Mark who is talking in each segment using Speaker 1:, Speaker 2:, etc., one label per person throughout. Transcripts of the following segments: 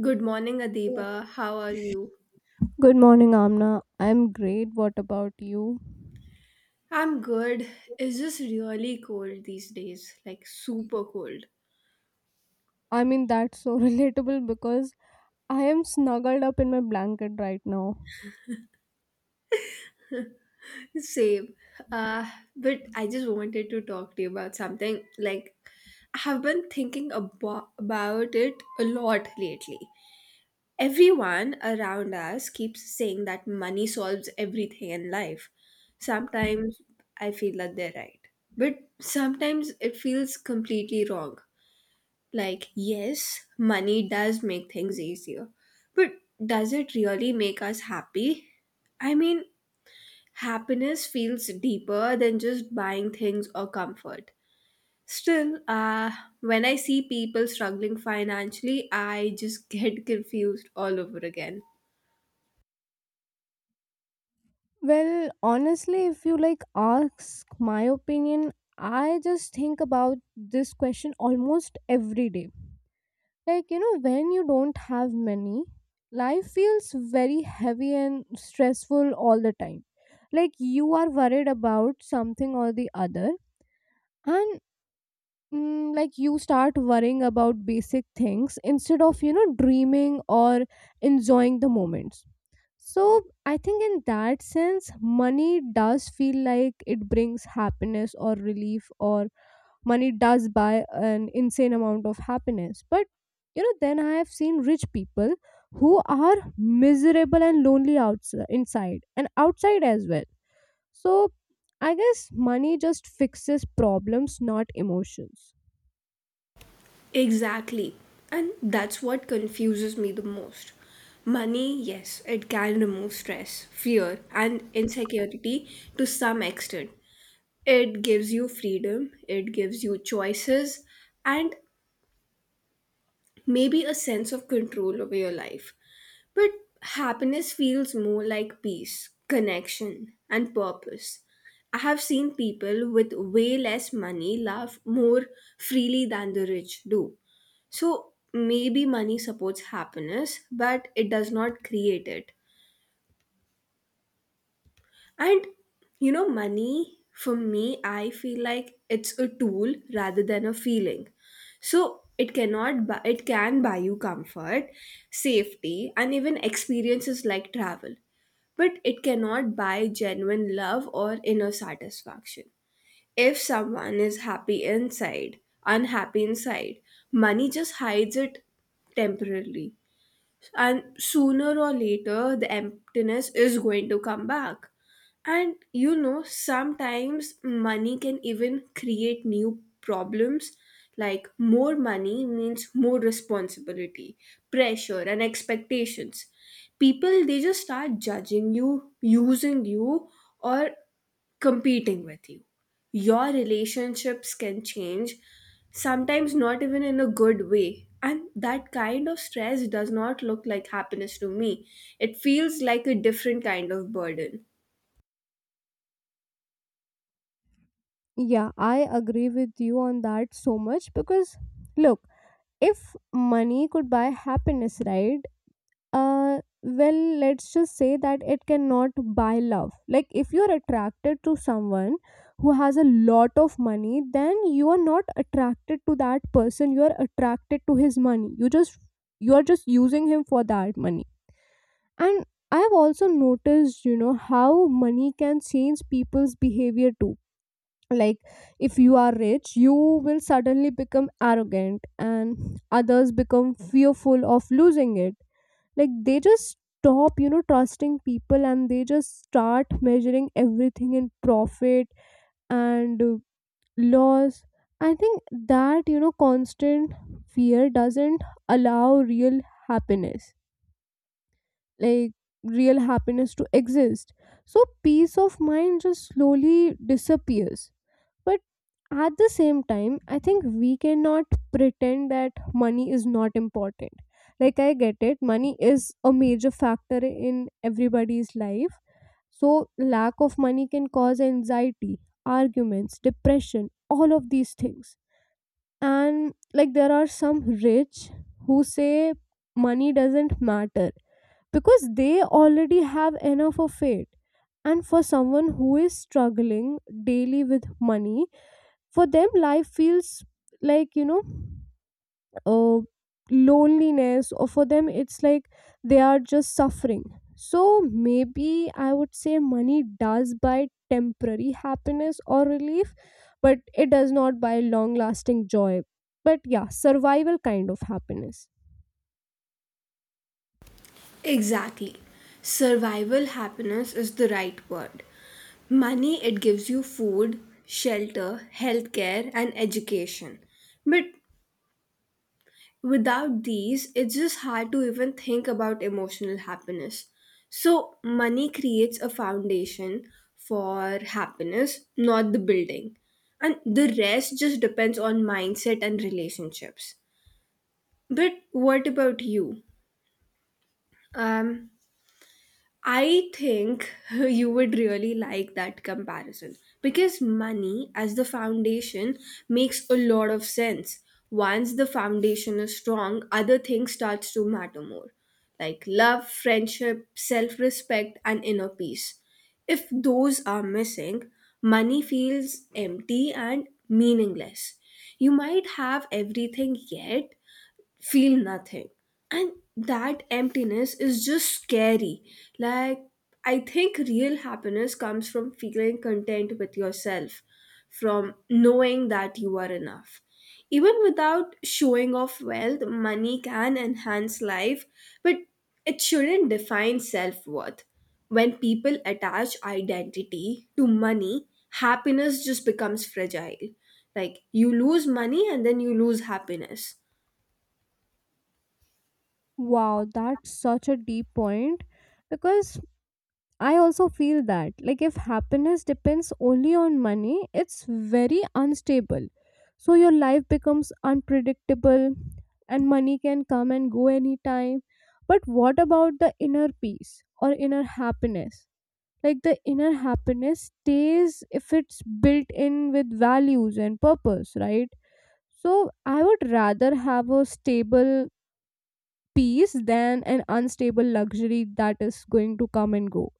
Speaker 1: Good morning, Adiba. How are you?
Speaker 2: Good morning, Amna. I'm great. What about you?
Speaker 1: I'm good. It's just really cold these days, like super cold.
Speaker 2: I mean, that's so relatable because I am snuggled up in my blanket right now.
Speaker 1: Same. Uh, but I just wanted to talk to you about something. Like, I have been thinking about it a lot lately. Everyone around us keeps saying that money solves everything in life. Sometimes I feel that they're right, but sometimes it feels completely wrong. Like, yes, money does make things easier, but does it really make us happy? I mean, happiness feels deeper than just buying things or comfort. Still, when I see people struggling financially, I just get confused all over again.
Speaker 2: Well, honestly, if you ask my opinion, I just think about this question almost every day. When you don't have money, life feels very heavy and stressful all the time. Like, you are worried about something or the other and you start worrying about basic things instead of dreaming or enjoying the moments. So I think in that sense, money does feel like it brings happiness or relief, or money does buy an insane amount of happiness. But then I have seen rich people who are miserable and lonely outside, inside and outside as well. So I guess money just fixes problems, not emotions.
Speaker 1: Exactly. And that's what confuses me the most. Money, yes, it can remove stress, fear, and insecurity to some extent. It gives you freedom, it gives you choices, and maybe a sense of control over your life. But happiness feels more like peace, connection, and purpose. I have seen people with way less money laugh more freely than the rich do. So maybe money supports happiness, but it does not create it. And you know, money for me, I feel like it's a tool rather than a feeling. So it cannot buy, it can buy you comfort, safety, and even experiences like travel. But it cannot buy genuine love or inner satisfaction. If someone is happy inside, unhappy inside, money just hides it temporarily, and sooner or later the emptiness is going to come back. And you know, sometimes money can even create new problems, like more money means more responsibility, pressure and expectations. People, they just start judging you, using you, or competing with you. Your relationships can change, sometimes not even in a good way. And that kind of stress does not look like happiness to me. It feels like a different kind of burden.
Speaker 2: Yeah, I agree with you on that so much because look, if money could buy happiness, right? Well, let's just say that it cannot buy love. Like if you're attracted to someone who has a lot of money, then you are not attracted to that person, you are attracted to his money. You just you are just using him for that money. And I have also noticed how money can change people's behavior too. Like if you are rich, you will suddenly become arrogant, and others become fearful of losing it. Like they just stop trusting people, and they just start measuring everything in profit and loss. I think that constant fear doesn't allow real happiness, like real happiness to exist. So peace of mind just slowly disappears. But at the same time, I think we cannot pretend that money is not important. Like I get it, money is a major factor in everybody's life. So lack of money can cause anxiety, arguments, depression, all of these things. And like there are some rich who say money doesn't matter because they already have enough of it. And for someone who is struggling daily with money, for them life feels like uh, loneliness, or for them it's like they are just suffering. So maybe I would say money does buy temporary happiness or relief, but it does not buy long lasting joy. But yeah, survival kind of happiness.
Speaker 1: Exactly. Survival happiness is the right word. Money, it gives you food, shelter, healthcare, and education. But without these, it's just hard to even think about emotional happiness. So money creates a foundation for happiness, not the building. And the rest just depends on mindset and relationships. But what about you? Um, I think you would really like that comparison, because money as the foundation makes a lot of sense. Once the foundation is strong, other things starts to matter more, like love, friendship, self-respect and inner peace. If those are missing, money feels empty and meaningless. You might have everything yet feel nothing. And that emptiness is just scary. Like, I think real happiness comes from feeling content with yourself, from knowing that you are enough. Even without showing off wealth, money can enhance life, but it shouldn't define self worth. When people attach identity to money, happiness just becomes fragile. Like, you lose money and then you lose happiness.
Speaker 2: Wow, that's such a deep point because I also feel that, like, if happiness depends only on money, it's very unstable. So your life becomes unpredictable, and money can come and go anytime. But what about the inner peace or inner happiness? Like, the inner happiness stays if it's built in with values and purpose, right? So I would rather have a stable peace than an unstable luxury that is going to come and go.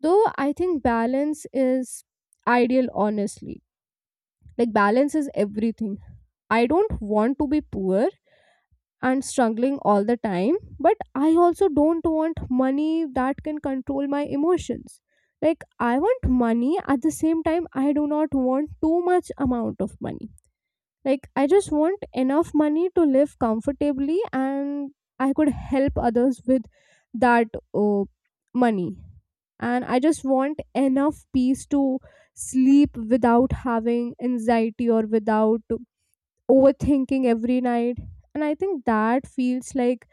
Speaker 2: Though I think balance is ideal, honestly. Like balance is everything. I don't want to be poor and struggling all the time, but I also don't want money that can control my emotions. Like I want money, at the same time I do not want too much amount of money. Like, I just want enough money to live comfortably and I could help others with that uh, money. And I just want enough peace to sleep without having anxiety or without overthinking every night. And I think that feels like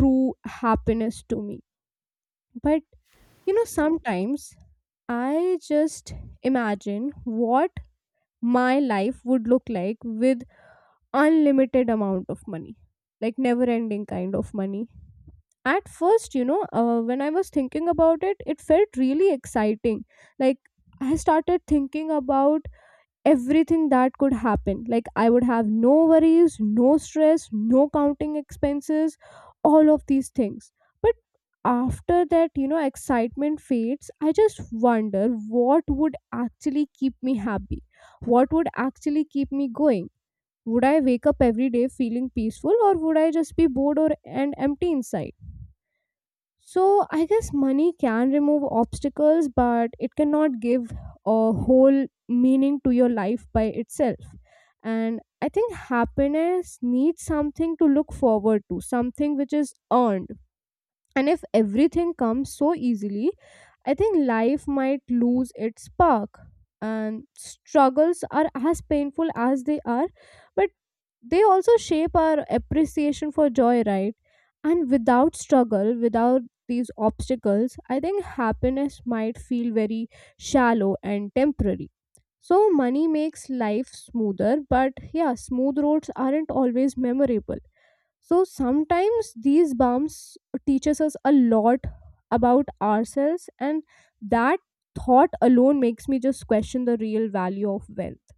Speaker 2: true happiness to me. But sometimes I just imagine what my life would look like with unlimited amount of money, like never ending kind of money. At first, when I was thinking about it, it felt really exciting. Like I started thinking about everything that could happen. Like I would have no worries, no stress, no counting expenses, all of these things. But after that, excitement fades. I just wonder what would actually keep me happy, what would actually keep me going. Would I wake up every day feeling peaceful, or would I just be bored or and empty inside? So I guess money can remove obstacles, but it cannot give a whole meaning to your life by itself. And I think happiness needs something to look forward to, something which is earned. And if everything comes so easily, I think life might lose its spark. And struggles are as painful as they are, but they also shape our appreciation for joy, right? And without struggle, without these obstacles, I think happiness might feel very shallow and temporary. So money makes life smoother, but yeah, smooth roads aren't always memorable. So sometimes these bumps teaches us a lot about ourselves, and that thought alone makes me just question the real value of wealth.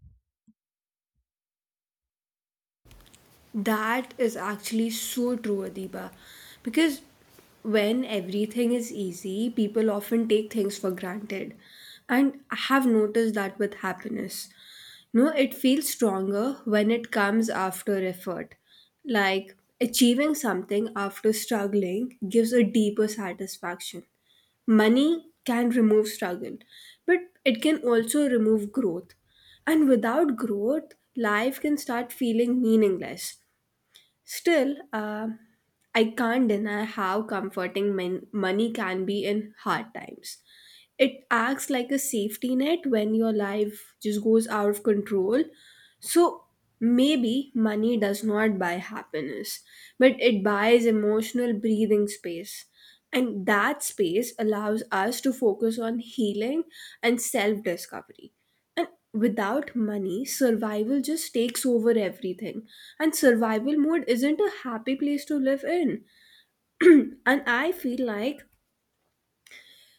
Speaker 1: That is actually so true, Adiba. Because when everything is easy, people often take things for granted. And I have noticed that with happiness. You know, it feels stronger when it comes after effort. Like achieving something after struggling gives a deeper satisfaction. Money can remove struggle, but it can also remove growth. And without growth, life can start feeling meaningless. Still, I can't deny how comforting money can be in hard times. It acts like a safety net when your life just goes out of control. So maybe money does not buy happiness, but it buys emotional breathing space. And that space allows us to focus on healing and self discovery. And without money, survival just takes over everything. And survival mode isn't a happy place to live in. And I feel like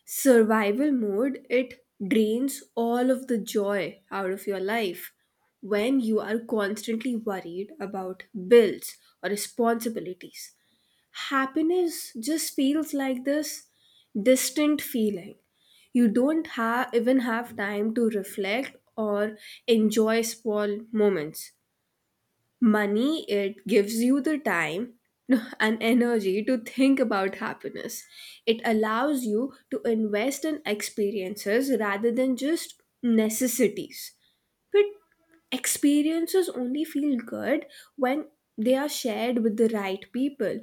Speaker 1: survival mode, it drains all of the joy out of your life. When you are constantly worried about bills or responsibilities, happiness just feels like this distant feeling. You don't have even have time to reflect or enjoy small moments. Money, it gives you the time and energy to think about happiness. It allows you to invest in experiences rather than just necessities. But experiences only feel good when they are shared with the right people.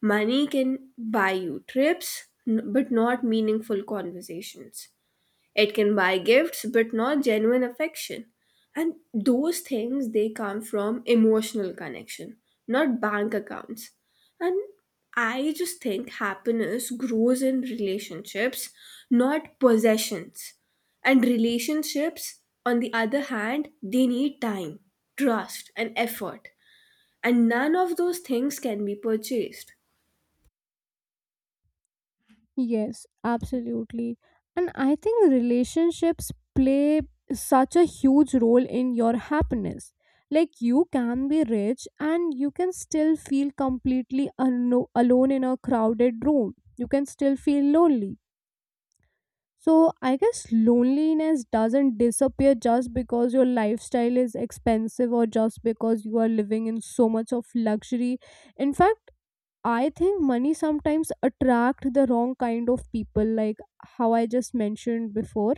Speaker 1: Money can buy you trips, but not meaningful conversations. It can buy gifts, but not genuine affection. And those things, they come from emotional connection, not bank accounts. And I just think happiness grows in relationships, not possessions. And relationships, on the other hand, they need time, trust, and effort. And none of those things can be purchased.
Speaker 2: Yes, absolutely. And I think relationships play such a huge role in your happiness. Like you can be rich and you can still feel completely alone in a crowded room. You can still feel lonely. So I guess loneliness doesn't disappear just because your lifestyle is expensive or just because you are living in so much of luxury. In fact, I think money sometimes attract the wrong kind of people, like how I just mentioned before.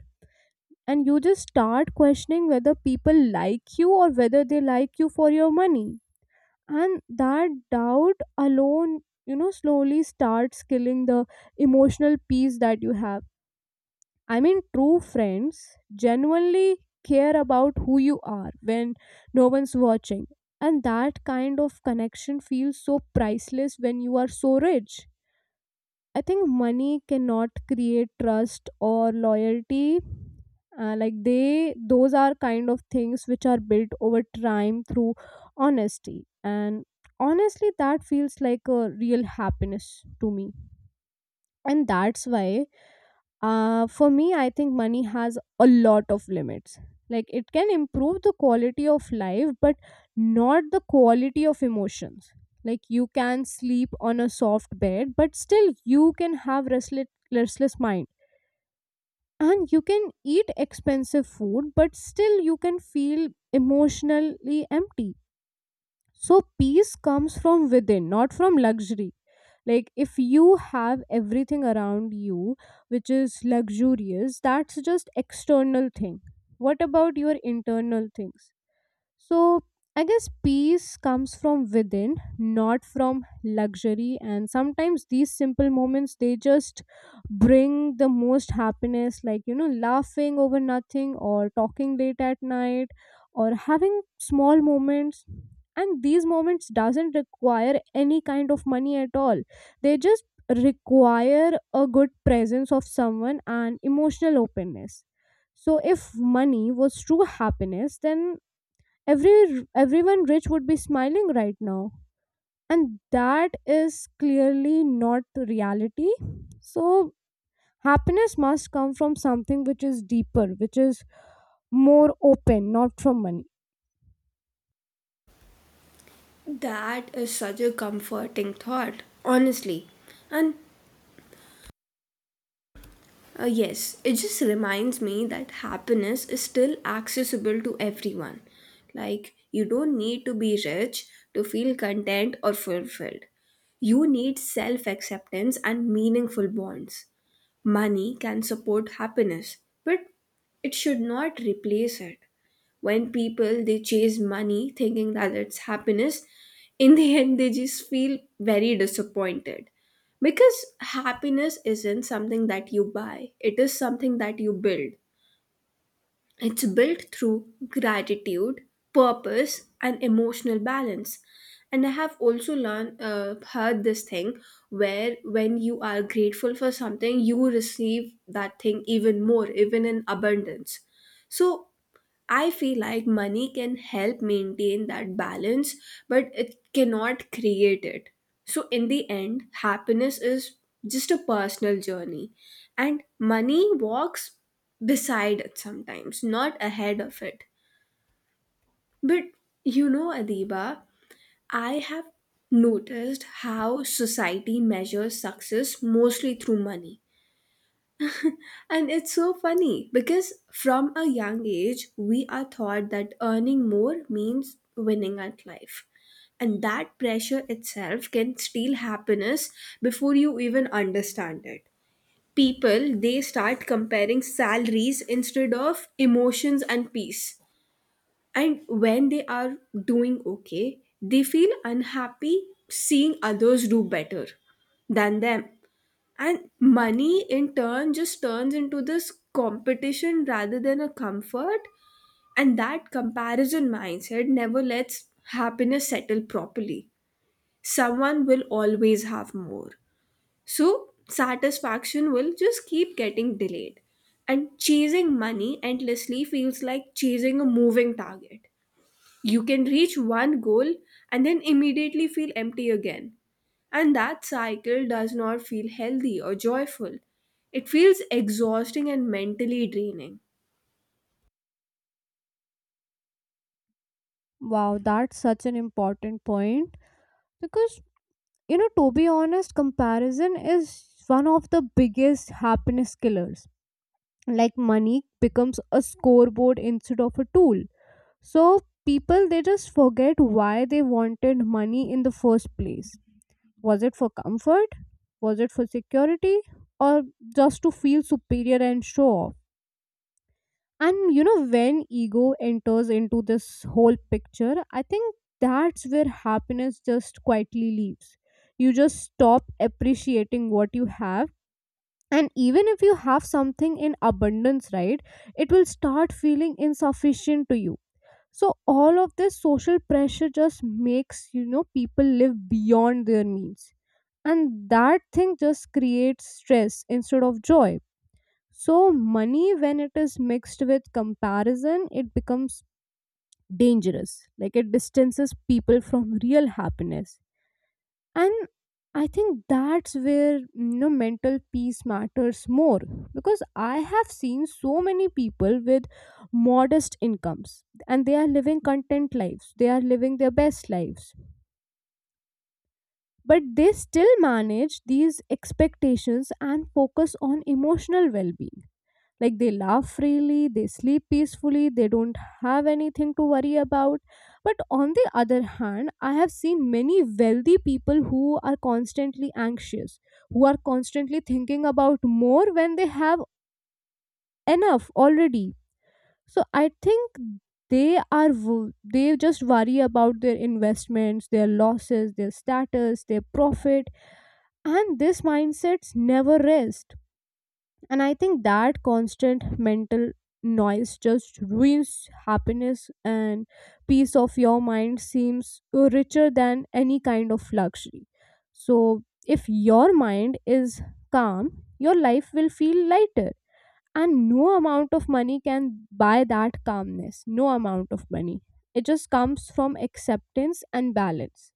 Speaker 2: And you just start questioning whether people like you or whether they like you for your money. And that doubt alone, slowly starts killing the emotional peace that you have. I mean, true friends genuinely care about who you are when no one's watching. And that kind of connection feels so priceless when you are so rich. I think money cannot create trust or loyalty. Like they those are kind of things which are built over time through honesty, and honestly that feels like a real happiness to me. And that's why, for me, I think money has a lot of limits. Like it can improve the quality of life, but not the quality of emotions. Like you can sleep on a soft bed, but still you can have restless mind. And you can eat expensive food, but still you can feel emotionally empty. So peace comes from within, not from luxury. Like if you have everything around you which is luxurious, that's just external thing. What about your internal things? So I guess peace comes from within, not from luxury. And sometimes these simple moments they just bring the most happiness, like laughing over nothing, or talking late at night, or having small moments. And these moments doesn't require any kind of money at all. They just require a good presence of someone and emotional openness. So if money was true happiness, then everyone rich would be smiling right now. And that is clearly not reality. So happiness must come from something which is deeper, which is more open, not from money.
Speaker 1: That is such a comforting thought, honestly. And yes, it just reminds me that happiness is still accessible to everyone. Like, you don't need to be rich to feel content or fulfilled. You need self acceptance and meaningful bonds. Money can support happiness, but it should not replace it. When people, they chase money thinking that it's happiness, in the end they just feel very disappointed, because happiness isn't something that you buy, it is something that you build. It's built through gratitude, purpose and emotional balance. And I have also learned, heard this thing, where when you are grateful for something, you receive that thing even more, even in abundance. So I feel like money can help maintain that balance, but it cannot create it. So in the end, happiness is just a personal journey, and money walks beside it sometimes, not ahead of it. But you know, Adiba, I have noticed how society measures success mostly through money. And it's so funny because from a young age, we are taught that earning more means winning at life. And that pressure itself can steal happiness before you even understand it. People, they start comparing salaries instead of emotions and peace. And when they are doing okay, they feel unhappy seeing others do better than them, and money in turn just turns into this competition rather than a comfort. And that comparison mindset never lets happiness settle properly. Someone will always have more. So satisfaction will just keep getting delayed. And chasing money endlessly feels like chasing a moving target. You can reach one goal and then immediately feel empty again, and that cycle does not feel healthy or joyful. It feels exhausting and mentally draining.
Speaker 2: Wow, that's such an important point because to be honest, comparison is one of the biggest happiness killers. Like money becomes a scoreboard instead of a tool. So people they just forget why they wanted money in the first place. Was it for comfort? Was it for security? Or just to feel superior and show off? And when ego enters into this whole picture, I think that's where happiness just quietly leaves. You just stop appreciating what you have. And even if you have something in abundance, right, it will start feeling insufficient to you. So all of this social pressure just makes, people live beyond their means. And that thing just creates stress instead of joy. So money, when it is mixed with comparison, it becomes dangerous. Like, it distances people from real happiness. And I think that's where, mental peace matters more. Because I have seen so many people with modest incomes, and they are living content lives, they are living their best lives. But they still manage these expectations and focus on emotional well being. Like they laugh freely, they sleep peacefully, they don't have anything to worry about. But on the other hand, I have seen many wealthy people who are constantly anxious, who are constantly thinking about more when they have enough already. So I think they just worry about their investments, their losses, their status, their profit, and this mindsets never rest. And I think that constant mental noise just ruins happiness. And peace of your mind seems richer than any kind of luxury. So if your mind is calm, your life will feel lighter, and no amount of money can buy that calmness. No amount of money. It just comes from acceptance and balance.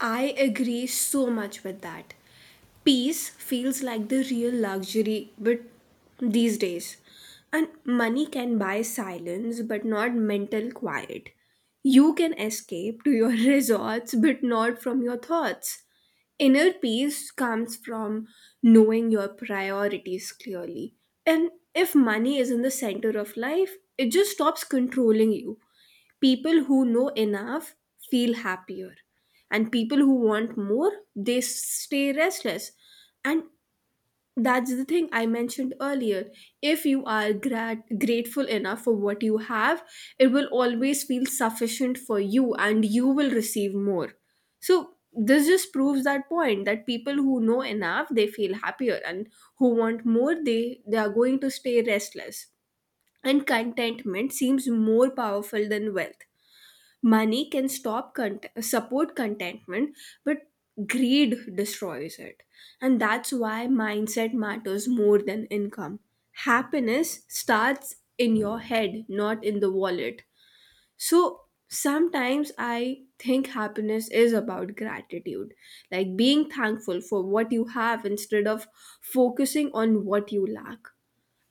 Speaker 1: I agree so much with that. Peace feels like the real luxury but these days. And money can buy silence but not mental quiet. You can escape to your resorts but not from your thoughts. Inner peace comes from knowing your priorities clearly. And if money is in the center of life, it just stops controlling you. People who know enough feel happier, and people who want more, they stay restless. And that's the thing I mentioned earlier. If you are grateful enough for what you have, it will always feel sufficient for you and you will receive more. So this just proves that point, that people who know enough, they feel happier, and who want more, they are going to stay restless. And contentment seems more powerful than wealth. Money can support contentment, but greed destroys it. And that's why mindset matters more than income. Happiness starts in your head, not in the wallet. So sometimes I think happiness is about gratitude, like being thankful for what you have instead of focusing on what you lack.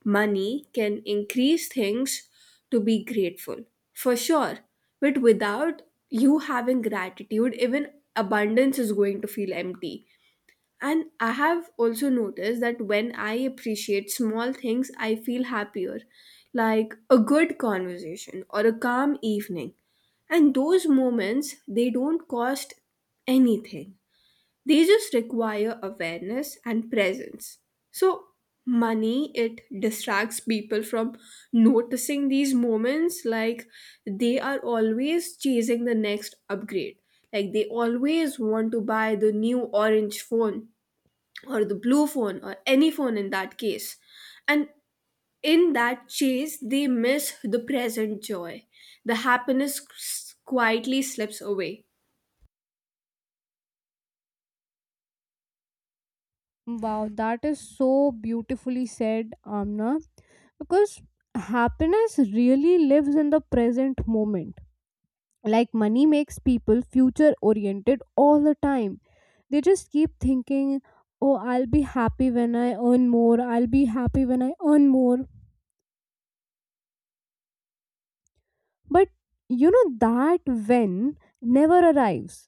Speaker 1: Money can increase things to be grateful for, sure, but without you having gratitude, even abundance is going to feel empty. And I have also noticed that when I appreciate small things, I feel happier, like a good conversation or a calm evening. And those moments, they don't cost anything. They just require awareness and presence. So money, it distracts people from noticing these moments. Like, they are always chasing the next upgrade. Like, they always want to buy the new orange phone or the blue phone or any phone in that case. And in that chase, they miss the present joy. The happiness quietly slips away.
Speaker 2: Wow, that is so beautifully said, Amna, because happiness really lives in the present moment. Like, money makes people future oriented all the time. They just keep thinking, oh, I'll be happy when I earn more, I'll be happy when I earn more. But you know that when never arrives.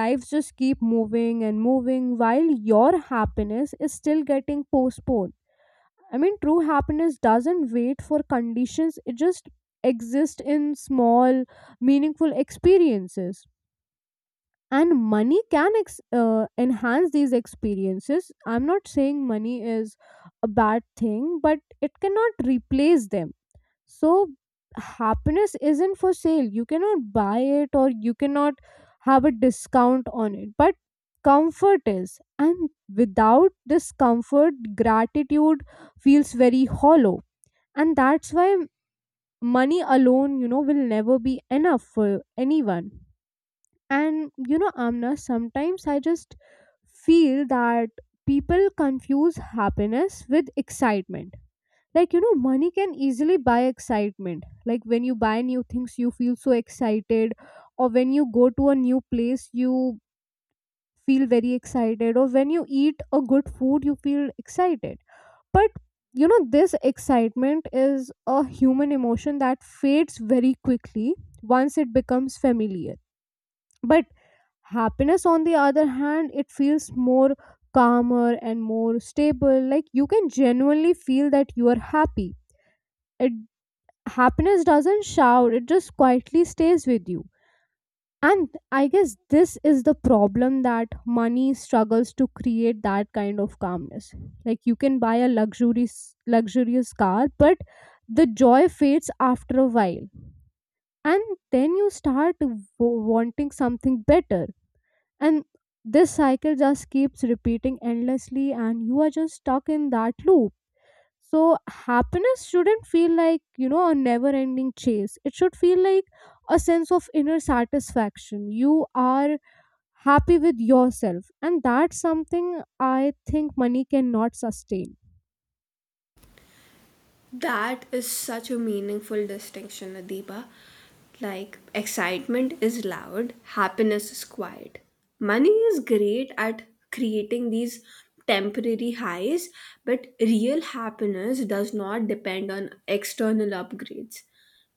Speaker 2: Lives just keep moving and moving while your happiness is still getting postponed. I mean, true happiness doesn't wait for conditions. It just exists in small meaningful experiences. And money can enhance these experiences. I'm not saying money is a bad thing, but it cannot replace them. So happiness isn't for sale. You cannot buy it, or you cannot have a discount on it, but comfort is. And without this comfort, gratitude feels very hollow. And that's why money alone, will never be enough for anyone. And you know, Amna, sometimes I just feel that people confuse happiness with excitement. Like, money can easily buy excitement. Like, when you buy new things, you feel so excited, or when you go to a new place, you feel very excited, or when you eat a good food, you feel excited. But this excitement is a human emotion that fades very quickly once it becomes familiar. But happiness, on the other hand, it feels more calmer and more stable. Like, you can genuinely feel that you are happy. It Happiness doesn't shout; it just quietly stays with you. And I guess this is the problem that money struggles to create that kind of calmness. Like, you can buy a luxurious car, but the joy fades after a while, and then you start wanting something better, and this cycle just keeps repeating endlessly, and you are just stuck in that loop. So happiness shouldn't feel like, a never ending chase. It should feel like a sense of inner satisfaction. You are happy with yourself, and that's something I think money cannot sustain.
Speaker 1: That is such a meaningful distinction, Adiba. Like, excitement is loud, happiness is quiet. Money is great at creating these temporary highs, but real happiness does not depend on external upgrades.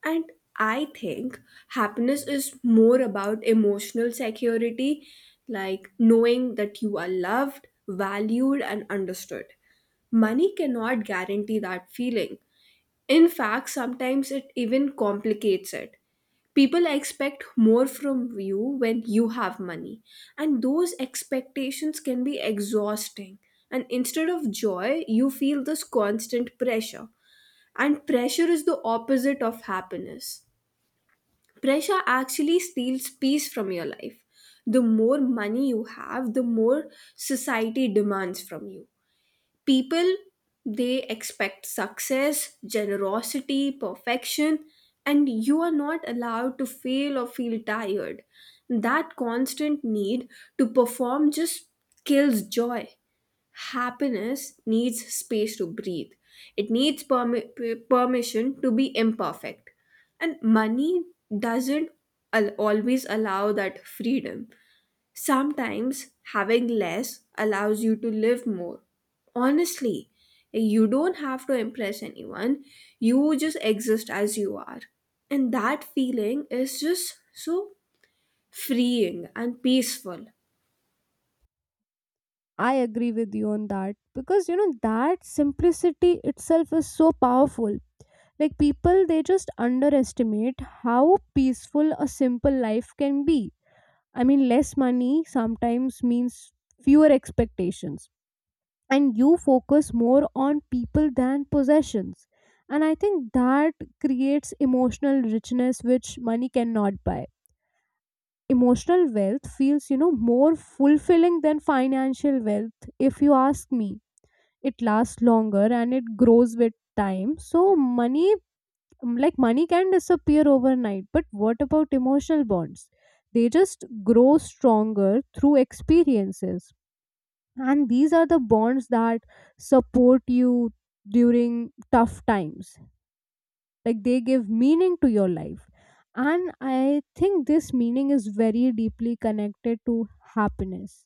Speaker 1: And I think happiness is more about emotional security, like knowing that you are loved, valued, and understood. Money cannot guarantee that feeling, in fact, sometimes it even complicates it. People expect more from you when you have money, and those expectations can be exhausting. And instead of joy, you feel this constant pressure. And pressure is the opposite of happiness. Pressure actually steals peace from your life. The more money you have, the more society demands from you. People, they expect success, generosity, perfection, and you are not allowed to fail or feel tired. That constant need to perform just kills joy. Happiness needs space to breathe. It needs permission to be imperfect. And money doesn't always allow that freedom. Sometimes having less allows you to live more. Honestly, you don't have to impress anyone, you just exist as you are. And that feeling is just so freeing and peaceful.
Speaker 2: I agree with you on that, because you know that simplicity itself is so powerful. Like, people, they just underestimate how peaceful a simple life can be. I mean, less money sometimes means fewer expectations, and you focus more on people than possessions. And I think that creates emotional richness which money cannot buy. Emotional wealth feels, more fulfilling than financial wealth, if you ask me. It lasts longer, and it grows with time. So, money like money can disappear overnight, but what about emotional bonds? They just grow stronger through experiences, and these are the bonds that support you during tough times. Like, they give meaning to your life. And I think this meaning is very deeply connected to happiness.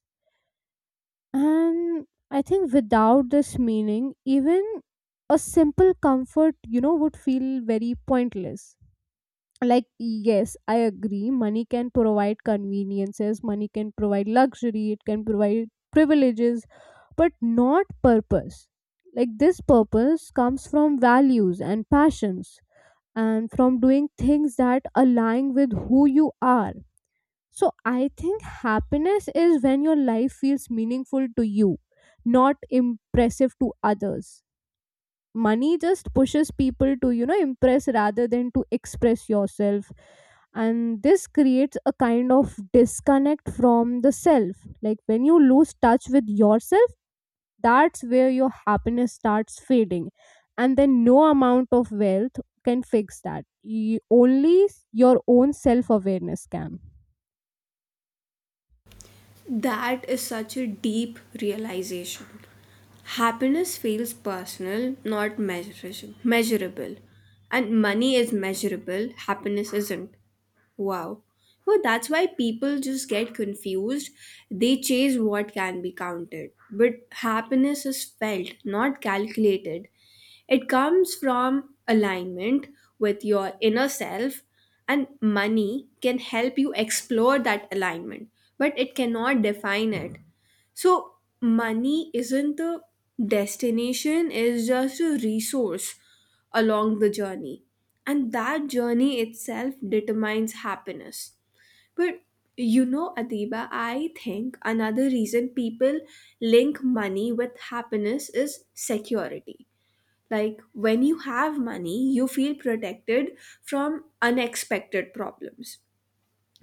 Speaker 2: And I think without this meaning, even a simple comfort, would feel very pointless. Like, yes, I agree, money can provide conveniences, money can provide luxury, it can provide privileges, but not purpose. Like, this purpose comes from values and passions, and from doing things that align with who you are. So I think happiness is when your life feels meaningful to you, not impressive to others. Money just pushes people to, impress rather than to express yourself. And this creates a kind of disconnect from the self. Like, when you lose touch with yourself, that's where your happiness starts fading. And then no amount of wealth can fix that. Only your own self awareness can.
Speaker 1: That is such a deep realization. Happiness feels personal, not measurable. And money is measurable, happiness isn't. Wow. Well, that's why people just get confused. They chase what can be counted. But happiness is felt, not calculated. It comes from alignment with your inner self, and money can help you explore that alignment, but it cannot define it. So money isn't the destination, it's just a resource along the journey. And that journey itself determines happiness. But you know, Adiba, I think another reason people link money with happiness is security. Like when you have money, you feel protected from unexpected problems.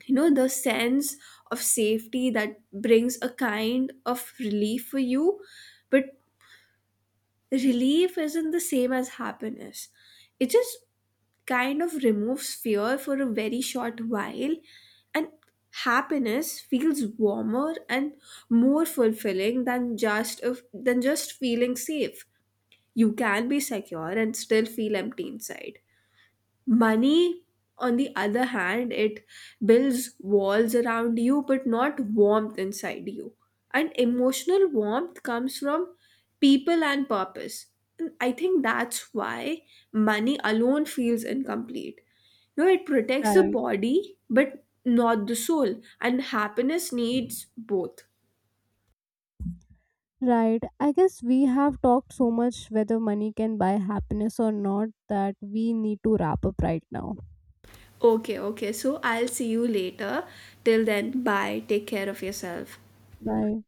Speaker 1: You know, the sense of safety that brings a kind of relief for you. But relief isn't the same as happiness. It just kind of removes fear for a very short while. And happiness feels warmer and more fulfilling than just of than just feeling safe. You can be secure and still feel empty inside. Money, on the other hand, it builds walls around you but not warmth inside you. And emotional warmth comes from people and purpose. And I think that's why money alone feels incomplete. No, it protects the
Speaker 2: Right.
Speaker 1: body but not the soul, and happiness needs both.
Speaker 2: Right. I guess we have talked so much whether money can buy happiness or not that we need to wrap up right now.
Speaker 1: Okay, okay, so I'll see you later. Till then, bye. Take care of yourself.
Speaker 2: Bye.